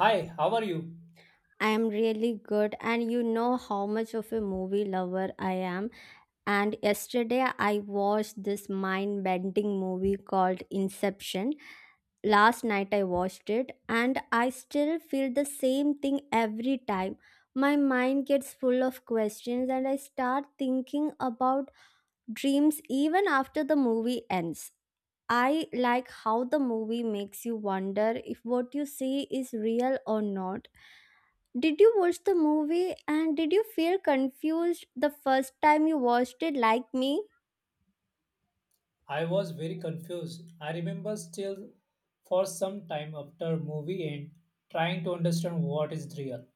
Hi, how are you? I am really good, and you know how much of a movie lover I am. And yesterday, I watched this mind bending movie called Inception. Last night, I watched it, and I still feel the same thing every time. My mind gets full of questions, and I start thinking about dreams even after the movie ends. I like how the movie makes you wonder if what you see is real or not. Did you watch the movie and did you feel confused the first time you watched it like me? I was very confused. I remember still for some time after movie end trying to understand what is real.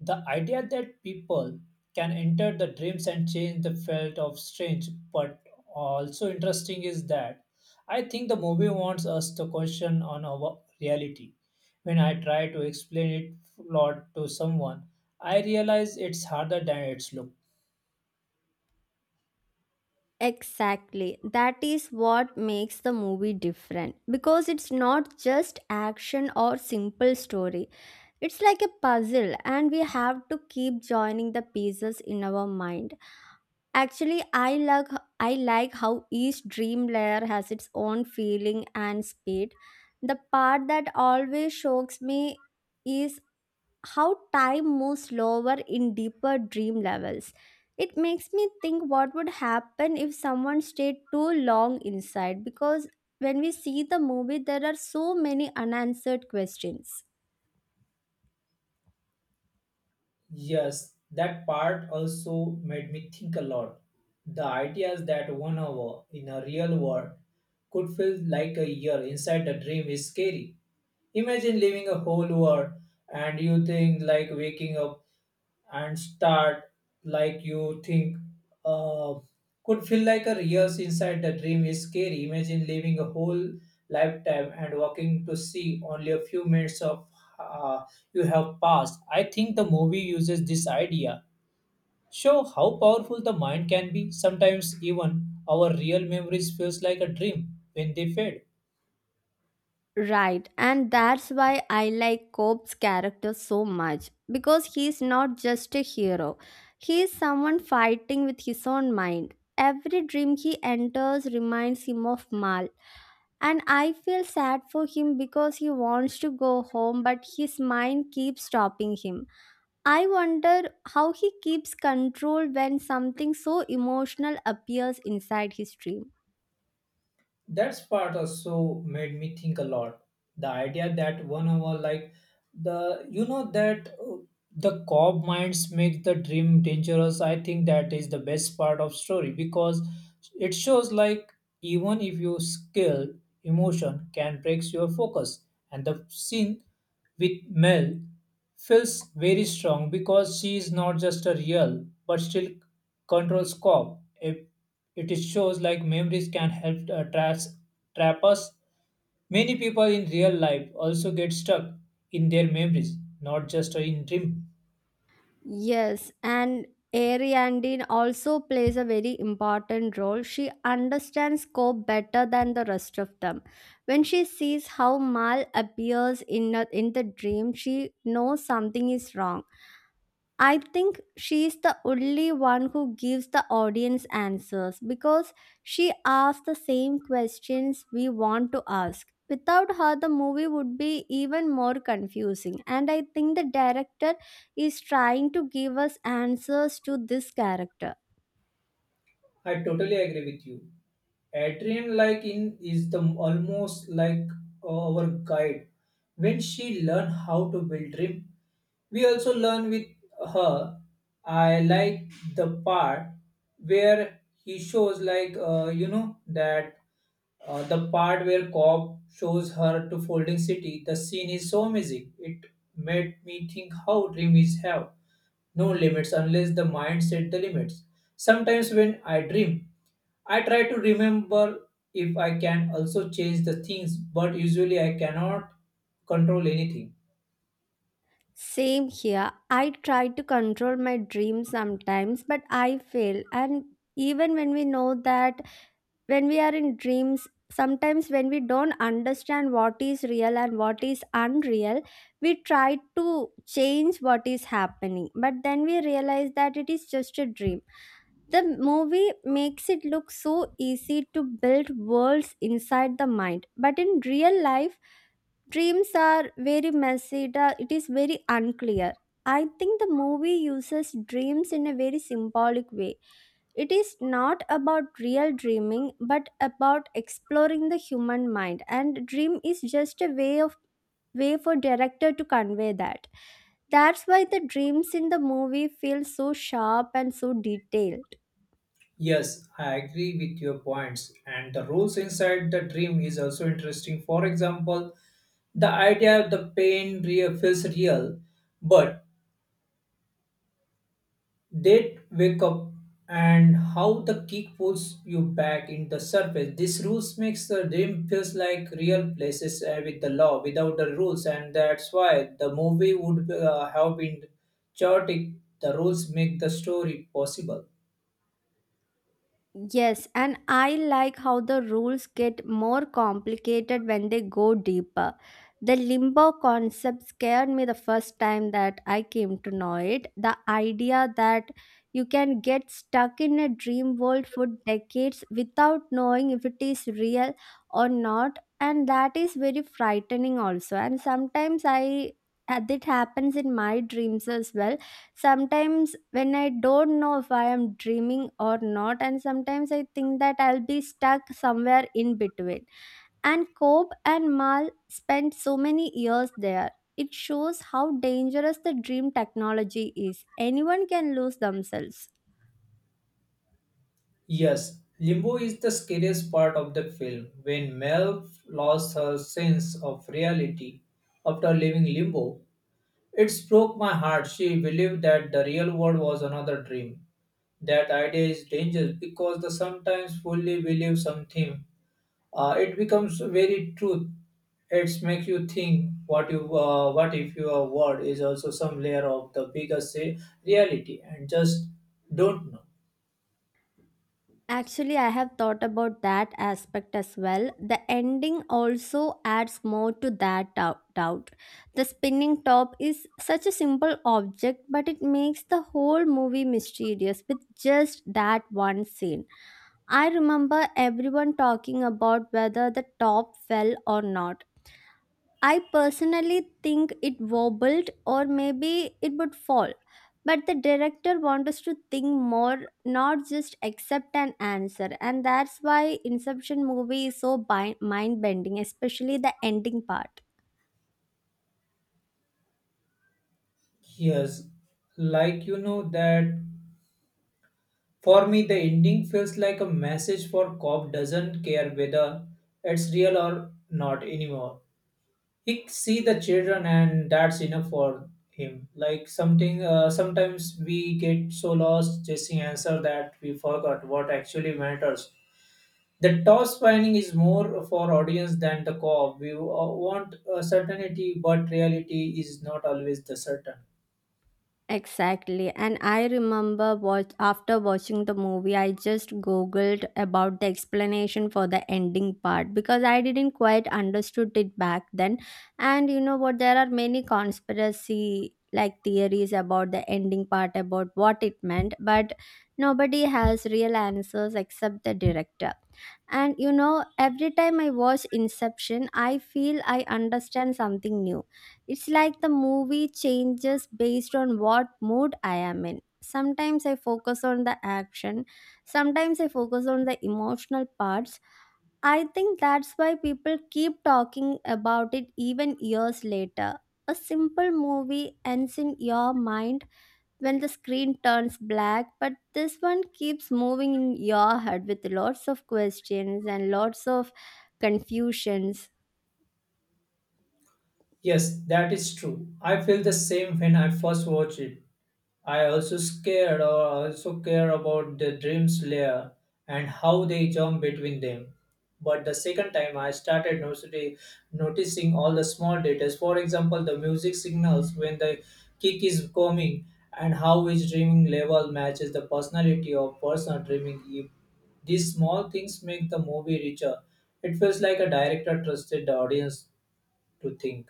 The idea that people can enter the dreams and change the felt of strange but also interesting is that I think the movie wants us to question on our reality. When I try to explain it lot to someone, I realize it's harder than it's look. Exactly. That is what makes the movie different because it's not just action or simple story. It's like a puzzle and we have to keep joining the pieces in our mind. Actually, I like how each dream layer has its own feeling and speed. The part that always shocks me is how time moves slower in deeper dream levels. It makes me think what would happen if someone stayed too long inside, because when we see the movie, there are so many unanswered questions. Yes, that part also made me think a lot. The ideas that 1 hour in a real world could feel like a year inside a dream is scary. Imagine living a whole world and you think like waking up and start like you think uh, could feel like a years inside the dream is scary. Imagine living a whole lifetime and walking to see only a few minutes of uh, you have passed. I think the movie uses this idea. Show how powerful the mind can be. Sometimes even our real memories feels like a dream when they fade. Right, and that's why I like Cope's character so much because he's not just a hero, he is someone fighting with his own mind. Every dream he enters reminds him of Mal. And I feel sad for him because he wants to go home, but his mind keeps stopping him. I wonder how he keeps control when something so emotional appears inside his dream. That part also made me think a lot. The idea that 1 hour, like the you know that the cop minds make the dream dangerous. I think that is the best part of story because it shows like even if you skill emotion can breaks your focus and the scene with Mel feels very strong because she is not just a real but still controls cop. It is shows like memories can help trap us. Many people in real life also get stuck in their memories, not just in dream. Yes, and Ariandine also plays a very important role. She understands Cope better than the rest of them. When she sees how Mal appears in the dream, she knows something is wrong. I think she is the only one who gives the audience answers because she asks the same questions we want to ask. Without her, the movie would be even more confusing. And I think the director is trying to give us answers to this character. I totally agree with you. Adrian, like in, is the almost like our guide. When she learn how to build dream, we also learn with her. I like the part where he shows like you know that the part where cop shows her to folding city. The scene is so amazing. It made me think how dream is have no limits unless the mind set the limits. Sometimes when I dream, I try to remember if I can also change the things, but usually I cannot control anything. Same here. I try to control my dreams sometimes, but I fail. And even when we know that, when we are in dreams, sometimes when we don't understand what is real and what is unreal, we try to change what is happening, but then we realize that it is just a dream. The movie makes it look so easy to build worlds inside the mind, but in real life dreams are very messy, it is very unclear. I think the movie uses dreams in a very symbolic way. It is not about real dreaming, but about exploring the human mind. And dream is just a way for director to convey that. That's why the dreams in the movie feel so sharp and so detailed. Yes, I agree with your points, and the rules inside the dream is also interesting. For example, the idea of the pain real feels real, but date wake up and how the kick pulls you back in the surface these rules makes the dream feels like real places with the law without the rules, and that's why the movie would have been chaotic. The rules make the story possible. Yes, and I like how the rules get more complicated when they go deeper. The limbo concept scared me the first time that I came to know it. The idea that you can get stuck in a dream world for decades without knowing if it is real or not, and that is very frightening, also. And sometimes I that happens in my dreams as well. Sometimes when I don't know if I am dreaming or not, and sometimes I think that I'll be stuck somewhere in between. And Cope and Mal spent so many years there. It shows how dangerous the dream technology is. Anyone can lose themselves. Yes, limbo is the scariest part of the film when Mel lost her sense of reality after leaving limbo. It broke my heart. She believed that the real world was another dream. That idea is dangerous because the sometimes fully believe something, it becomes very truth. It makes you think what if your word is also some layer of the bigger say reality and just don't know. Actually, I have thought about that aspect as well. The ending also adds more to that doubt. The spinning top is such a simple object, but it makes the whole movie mysterious with just that one scene. I remember everyone talking about whether the top fell or not. I personally think it wobbled, or maybe it would fall. But the director wants us to think more, not just accept an answer. And that's why Inception movie is so mind-bending, especially the ending part. Yes, like that for me the ending feels like a message for cop doesn't care whether it's real or not anymore. He see the children and that's enough for him like something, sometimes we get so lost chasing answer that we forgot what actually matters. The toss finding is more for audience than the co-op. We want certainty but reality is not always the certain. Exactly. And I remember, what, after watching the movie, I just googled about the explanation for the ending part because I didn't quite understood it back then. And you know what? There are many conspiracy like theories about the ending part about what it meant, but nobody has real answers except the director. And you know, every time I watch Inception, I feel I understand something new. It's like the movie changes based on what mood I am in. Sometimes I focus on the action, sometimes I focus on the emotional parts. I think that's why people keep talking about it even years later. A simple movie ends in your mind when the screen turns black, but this one keeps moving in your head with lots of questions and lots of confusions. Yes, that is true. I feel the same when I first watch it. I also scared or also care about the dreams layer and how they jump between them. But the second time I started noticing all the small details. For example, the music signals when the kick is coming and how each dreaming level matches the personality of person dreaming. If these small things make the movie richer. It feels like a director trusted the audience to think.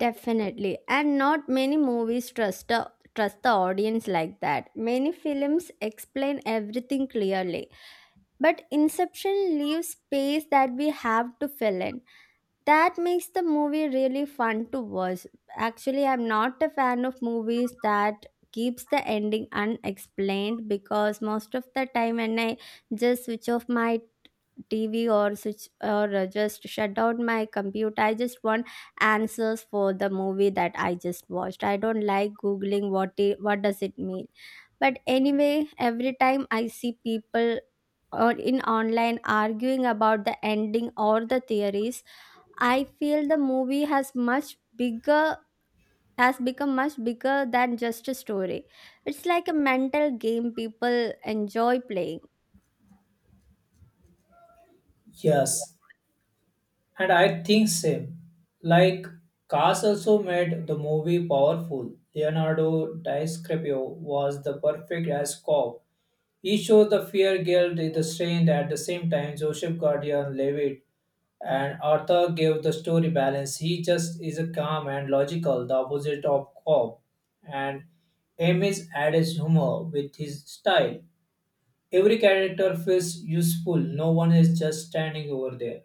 Definitely, and not many movies trust the audience like that. Many films explain everything clearly, but Inception leaves space that we have to fill in. That makes the movie really fun to watch. Actually, I'm not a fan of movies that keeps the ending unexplained, because most of the time when I just switch off my TV, or switch or just shut down my computer, I just want answers for the movie that I just watched. I don't like googling what does it mean. But anyway, every time I see people or in online arguing about the ending or the theories, I feel the movie bigger has become much bigger than just a story. It's like a mental game people enjoy playing. Yes, and I think same. Like Cars also made the movie powerful. Leonardo DiCaprio was the perfect as cop. He showed the fear, guilt, and the strength at the same time. Joseph Gordon-Levitt and Arthur gave the story balance. He just is a calm and logical, the opposite of cop. And Emmys adds humor with his style. Every character feels useful. No one is just standing over there.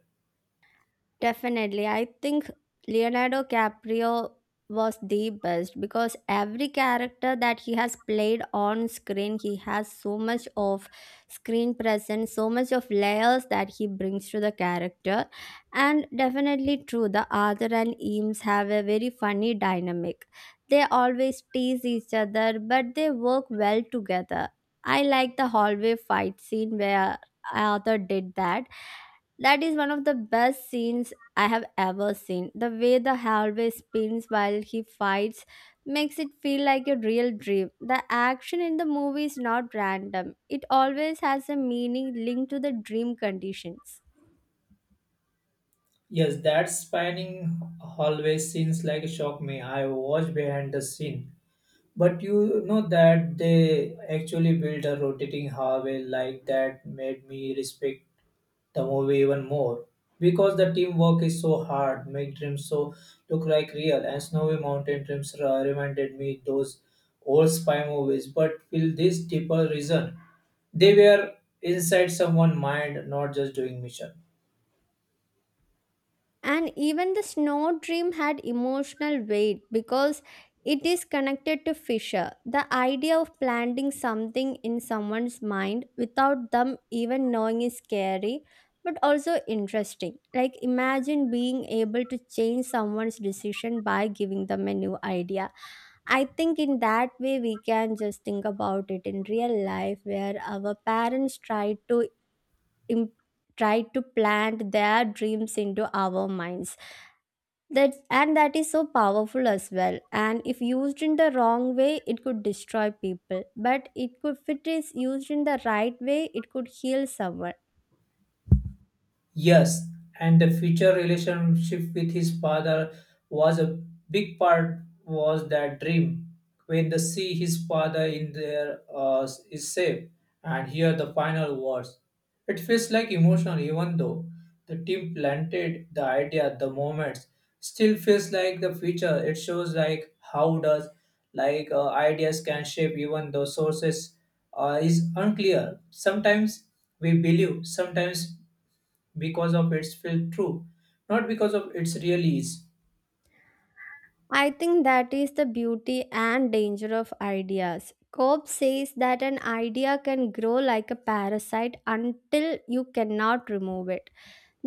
Definitely. I think Leonardo DiCaprio was the best because every character that he has played on screen, he has so much of screen presence, so much of layers that he brings to the character. And definitely true, the Arthur and Eames have a very funny dynamic. They always tease each other, but they work well together. I like the hallway fight scene where Arthur did that that is one of the best scenes I have ever seen. The way the hallway spins while he fights makes it feel like a real dream. The action in the movie is not random, it always has a meaning linked to the dream conditions. Yes, that spinning always seems like a shock me. I watch behind the scene. But you know that they actually built a rotating hallway like that made me respect the movie even more. Because the teamwork is so hard, make dreams so look like real, and snowy mountain dreams reminded me those old spy movies, but with this deeper reason. They were inside someone's mind, not just doing mission. And even the snow dream had emotional weight because it is connected to Fisher. The idea of planting something in someone's mind without them even knowing is scary, but also interesting. Like imagine being able to change someone's decision by giving them a new idea. I think in that way we can just think about it in real life where our parents try to imp- try to plant their dreams into our minds. That is so powerful as well, and if used in the wrong way it could destroy people, but it could if it is used in the right way it could heal someone. Yes, and the future relationship with his father was a big part was that dream. When they see his father in there is safe and hear the final words. It feels like emotional even though the team planted the idea the moments still feels like the future. It shows like how does like ideas can shape even though sources is unclear. Sometimes we believe, sometimes because of its felt true, not because of its really is. I think that is the beauty and danger of ideas. Cope says that an idea can grow like a parasite until you cannot remove it.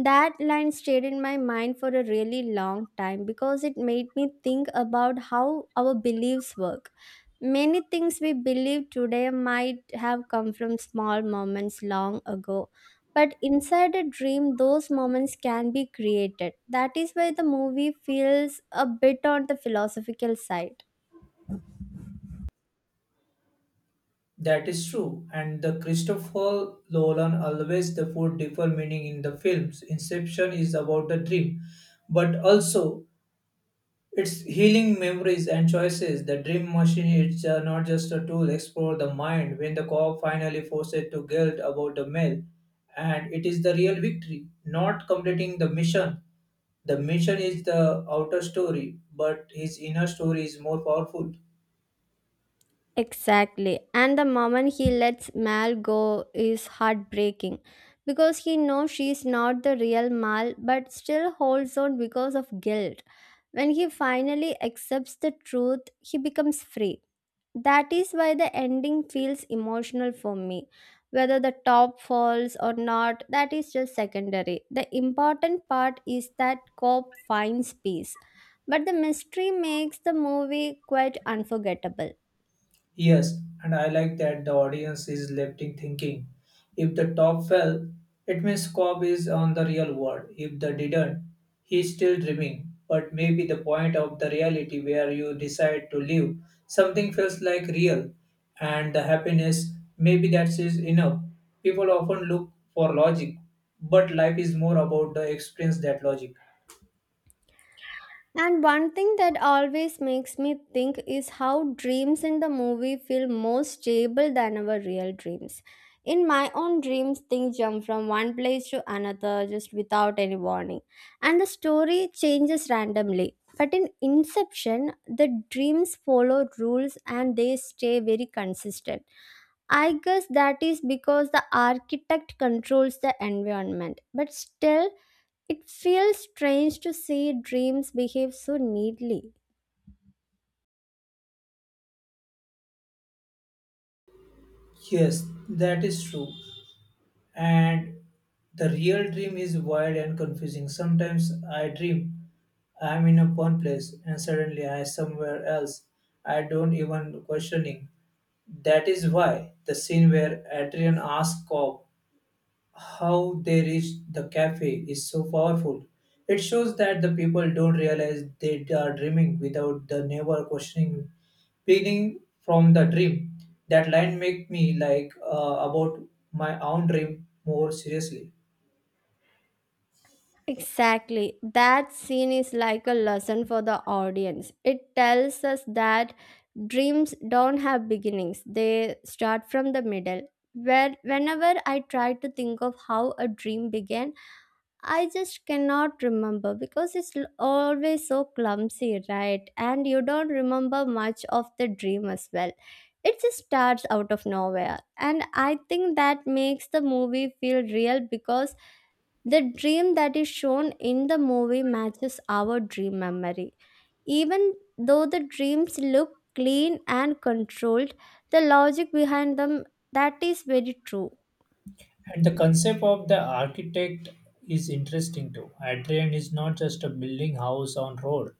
That line stayed in my mind for a really long time because it made me think about how our beliefs work. Many things we believe today might have come from small moments long ago, but inside a dream, those moments can be created. That is why the movie feels a bit on the philosophical side. That is true. And the Christopher Nolan always the four different meaning in the films. Inception is about the dream, but also it's healing memories and choices. The dream machine is not just a tool, explore the mind. When the co-op finally forces to guilt about the mail, and it is the real victory, not completing the mission. The mission is the outer story, but his inner story is more powerful. Exactly. And the moment he lets Mal go is heartbreaking because he knows she's not the real Mal but still holds on because of guilt. When he finally accepts the truth, he becomes free. That is why the ending feels emotional for me. Whether the top falls or not, that is just secondary. The important part is that Cobb finds peace. But the mystery makes the movie quite unforgettable. Yes, and I like that the audience is left in thinking. If the top fell, it means Cobb is on the real world. If the didn't, he's still dreaming. But maybe the point of the reality where you decide to live, something feels like real, and the happiness, maybe that is enough. People often look for logic, but life is more about the experience that logic. And one thing that always makes me think is how dreams in the movie feel more stable than our real dreams. In my own dreams, things jump from one place to another just without any warning, and the story changes randomly. But in Inception, the dreams follow rules and they stay very consistent. I guess that is because the architect controls the environment, but still, it feels strange to see dreams behave so neatly. Yes, that is true. And the real dream is wild and confusing. Sometimes I dream I'm in a one place and suddenly I'm somewhere else. I don't even questioning. That is why the scene where Adrian asks Cobb how they reach the cafe is so powerful. It shows that the people don't realize they are dreaming without the never questioning beginning from the dream. That line make me like about my own dream more seriously. Exactly. That scene is like a lesson for the audience. It tells us that dreams don't have beginnings, they start from the middle. Whenever I try to think of how a dream began, I just cannot remember because it's always so clumsy, right? And you don't remember much of the dream as well. It just starts out of nowhere. And I think that makes the movie feel real because the dream that is shown in the movie matches our dream memory. Even though the dreams look clean and controlled, the logic behind them, that is very true. And the concept of the architect is interesting too. Adrian is not just a building house on road.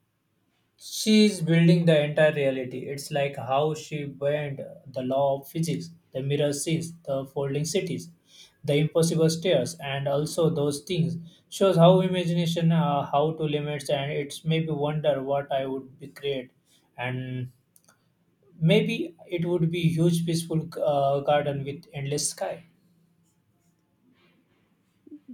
She is building the entire reality. It's like how she bent the law of physics, the mirror seas, the folding cities, the impossible stairs, and also those things. Shows how imagination, how to limits, and it's maybe wonder what I would be create, and maybe it would be huge peaceful garden with endless sky.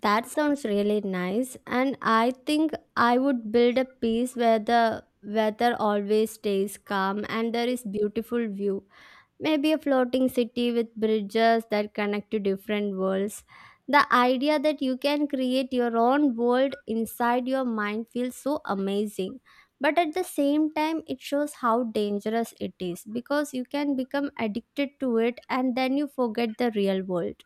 That sounds really nice, and I think I would build a piece where the weather always stays calm and there is beautiful view. Maybe a floating city with bridges that connect to different worlds. The idea that you can create your own world inside your mind feels so amazing. But at the same time, it shows how dangerous it is because you can become addicted to it and then you forget the real world.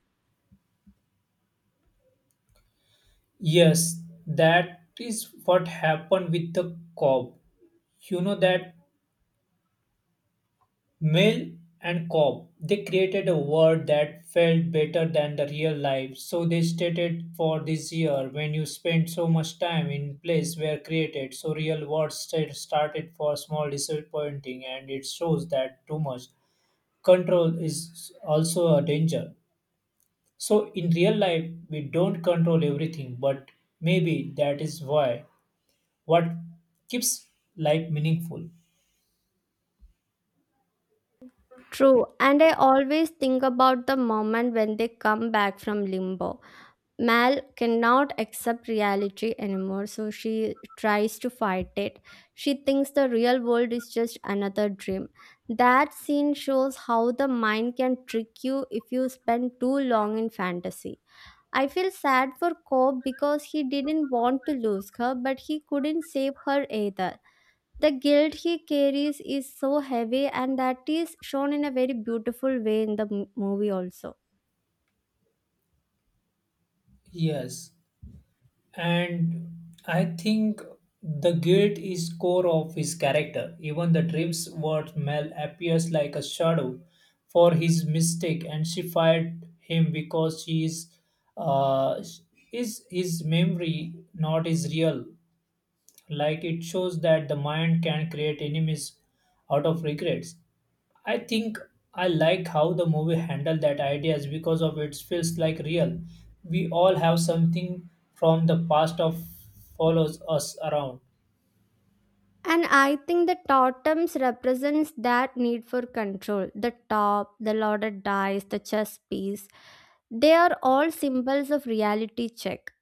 Yes, that is what happened with the cob. You know that Mill and Cobb, they created a word that felt better than the real life, so they stated for this year. When you spend so much time in place were created, so real words started for small disappointing and it shows that too much control is also a danger. So in real life we don't control everything, but maybe that is why what keeps life meaningful. True, and I always think about the moment when they come back from limbo. Mal cannot accept reality anymore, so she tries to fight it. She thinks the real world is just another dream. That scene shows how the mind can trick you if you spend too long in fantasy. I feel sad for Cobb because he didn't want to lose her, but he couldn't save her either. The guilt he carries is so heavy, and that is shown in a very beautiful way in the movie also. Yes, and I think the guilt is core of his character. Even the dreams word Mel appears like a shadow for his mistake, and she fired him because she uh, is his memory not his real. Like it shows that the mind can create enemies out of regrets. I think I like how the movie handled that ideas because of it feels like real. We all have something from the past of follows us around. And I think the totems represents that need for control: the top, the loaded dice, the chess piece. They are all symbols of reality check.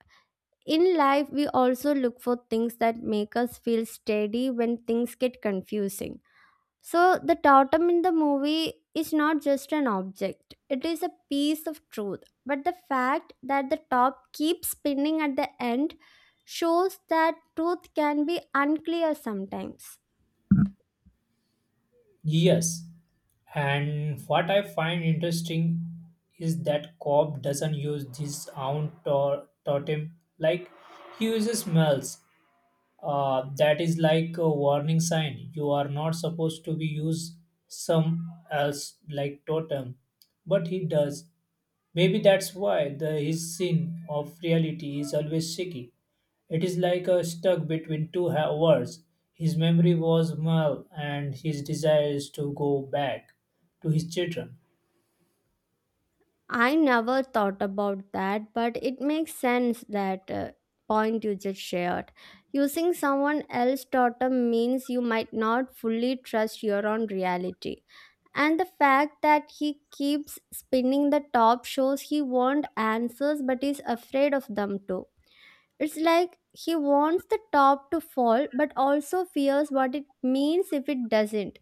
In life we also look for things that make us feel steady when things get confusing. So, the totem in the movie is not just an object, it is a piece of truth. But the fact that the top keeps spinning at the end shows that truth can be unclear sometimes. Yes. And what I find interesting is that Cobb doesn't use this own totem like he uses smells. That is like a warning sign. You are not supposed to be use some else like totem, but he does. Maybe that's why the his scene of reality is always shaky. It is like a stuck between two worlds. His memory was Mal, and his desire is to go back to his children. I never thought about that, but it makes sense, that point you just shared. Using someone else's totem means you might not fully trust your own reality. And the fact that he keeps spinning the top shows he wants answers but is afraid of them too. It's like he wants the top to fall but also fears what it means if it doesn't.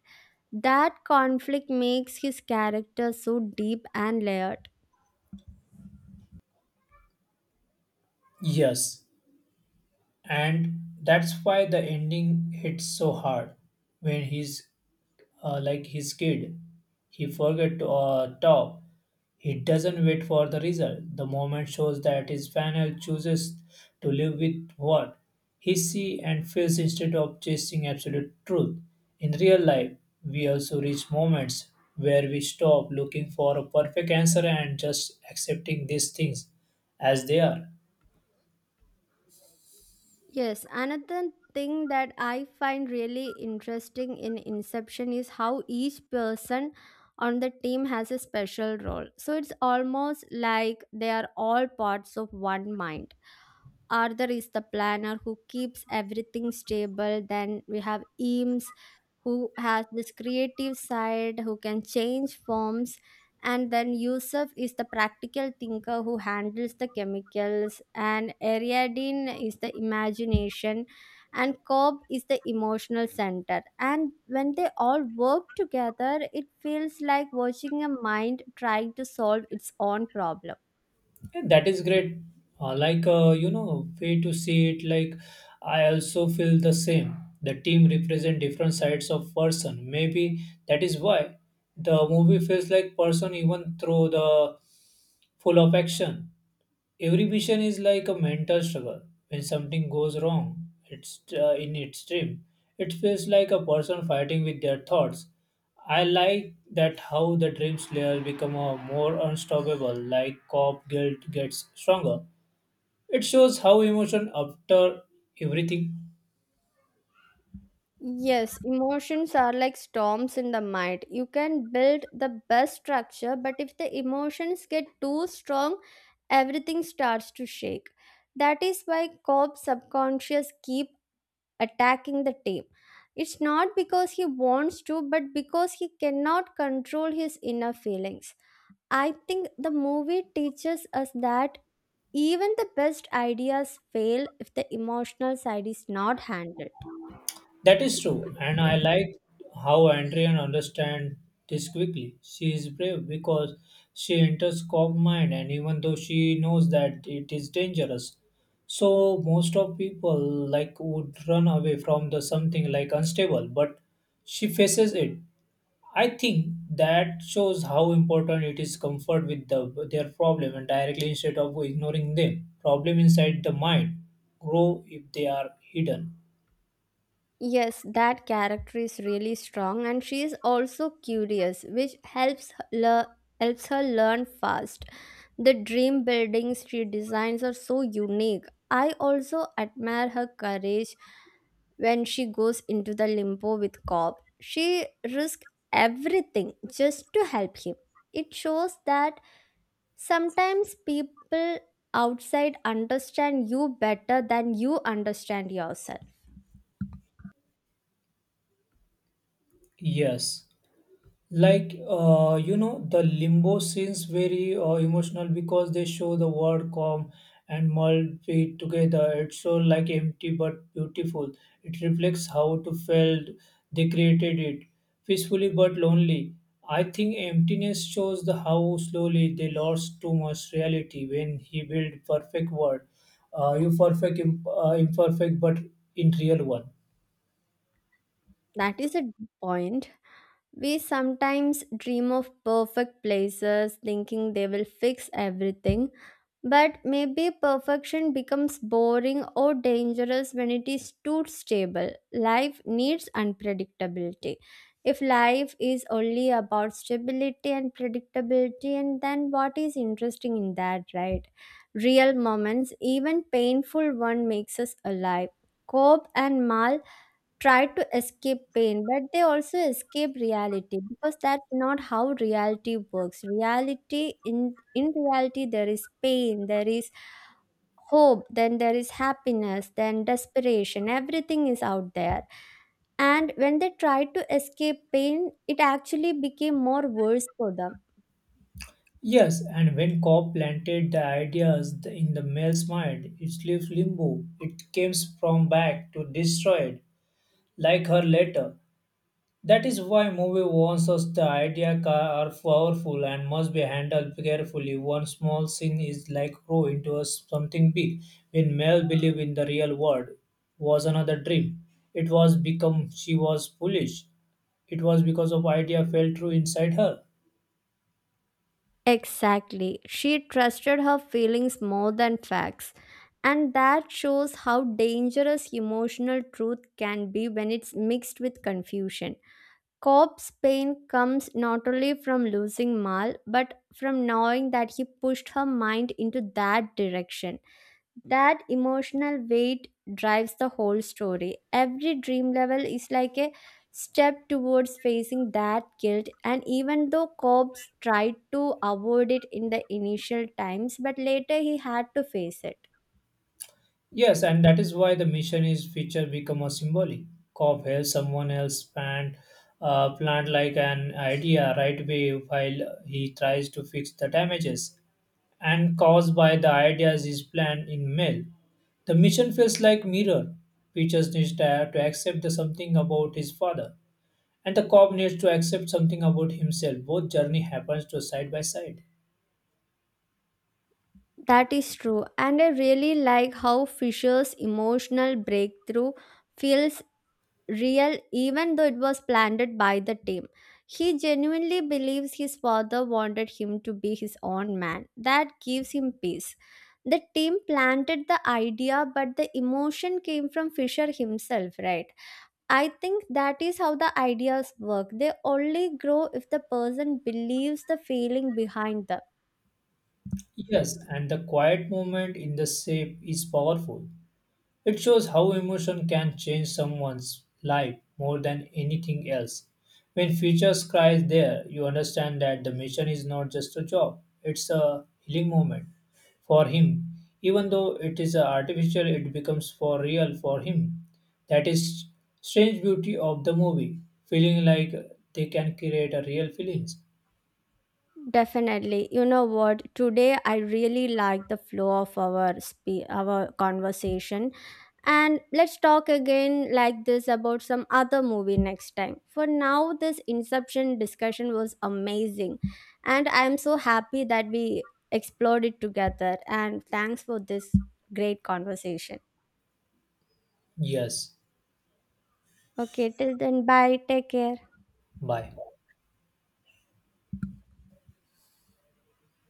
That conflict makes his character so deep and layered. Yes, and that's why the ending hits so hard when he's like his kid. He forget to top. He doesn't wait for the result. The moment shows that his final chooses to live with what he sees and feels instead of chasing absolute truth. In real life, we also reach moments where we stop looking for a perfect answer and just accepting these things as they are. Yes, another thing that I find really interesting in Inception is how each person on the team has a special role. So it's almost like they are all parts of one mind. Arthur is the planner who keeps everything stable. Then we have Eames, who has this creative side, who can change forms. And then Yusuf is the practical thinker who handles the chemicals. And Ariadne is the imagination. And Cobb is the emotional center. And when they all work together, it feels like watching a mind trying to solve its own problem. Yeah, that is great. Like, way to see it, like, I also feel the same. The team represent different sides of person. Maybe that is why the movie feels like person even through the full of action. Every vision is like a mental struggle. When something goes wrong, it's in its dream. It feels like a person fighting with their thoughts. I like that how the dream slayer become a more unstoppable, like cop guilt gets stronger. It shows how emotion after everything. Yes, emotions are like storms in the mind. You can build the best structure, but if the emotions get too strong, everything starts to shake. That is why Cobb's subconscious keep attacking the team. It's not because he wants to, but because he cannot control his inner feelings. I think the movie teaches us that even the best ideas fail if the emotional side is not handled. That is true, and I like how Andrian understands this quickly. She is brave because she enters cop mind, and even though she knows that it is dangerous, so most of people like would run away from the something like unstable, but she faces it. I think that shows how important it is comfort with the, their problem and directly instead of ignoring them. Problem inside the mind grow if they are hidden. Yes, that character is really strong and she is also curious, which helps her helps her learn fast. The dream buildings she designs are so unique. I also admire her courage when she goes into the limbo with Cobb. She risks everything just to help him. It shows that sometimes people outside understand you better than you understand yourself. Yes. Like the limbo scenes very emotional because they show the word calm and mulled fit together. It's so like empty but beautiful. It reflects how to felt they created it peacefully but lonely. I think emptiness shows the how slowly they lost too much reality when he built perfect world, you perfect imperfect but in real one. That is a point. We sometimes dream of perfect places, thinking they will fix everything. But maybe perfection becomes boring or dangerous when it is too stable. Life needs unpredictability. If life is only about stability and predictability, and then what is interesting in that, right? Real moments, even painful one, makes us alive. Cobb and Mal try to escape pain, but they also escape reality, because that's not how reality works. Reality, in reality, there is pain, there is hope, then there is happiness, then desperation. Everything is out there. And when they tried to escape pain, it actually became more worse for them. Yes, and when Cobb planted the ideas in the male's mind, it left limbo. It came from back to destroyed, like her letter. That is why movie warns us the ideas are powerful and must be handled carefully. One small sin is like grow into a something big. When Mel believed in the real world was another dream. It was become she was foolish. It was because of idea fell true inside her. Exactly, she trusted her feelings more than facts, and that shows how dangerous emotional truth can be when it's mixed with confusion. Cobb's pain comes not only from losing Mal, but from knowing that he pushed her mind into that direction. That emotional weight drives the whole story. Every dream level is like a step towards facing that guilt, and even though Cobb's tried to avoid it in the initial times, but later he had to face it. Yes, and that is why the mission is feature become a symbolic. Cop helps someone else plant like an idea right away while he tries to fix the damages and caused by the ideas is planned in mail. The mission feels like mirror. Peaches needs to accept the something about his father, and the cop needs to accept something about himself. Both journey happens to side by side. That is true, and I really like how Fisher's emotional breakthrough feels real even though it was planned by the team. He genuinely believes his father wanted him to be his own man. That gives him peace. The team planted the idea, but the emotion came from Fisher himself, right? I think that is how the ideas work. They only grow if the person believes the feeling behind them. Yes, and the quiet moment in the shape is powerful. It shows how emotion can change someone's life more than anything else. When Future Cry is there, you understand that the mission is not just a job, it's a healing moment for him. Even though it is artificial, it becomes for real for him. That is strange beauty of the movie, feeling like they can create a real feelings. Definitely. You know what? Today I really like the flow of our our conversation. And let's talk again like this about some other movie next time. For now, this Inception discussion was amazing. And I'm so happy that we explored it together. And thanks for this great conversation. Yes, Okay, till then, bye. Take care. bye.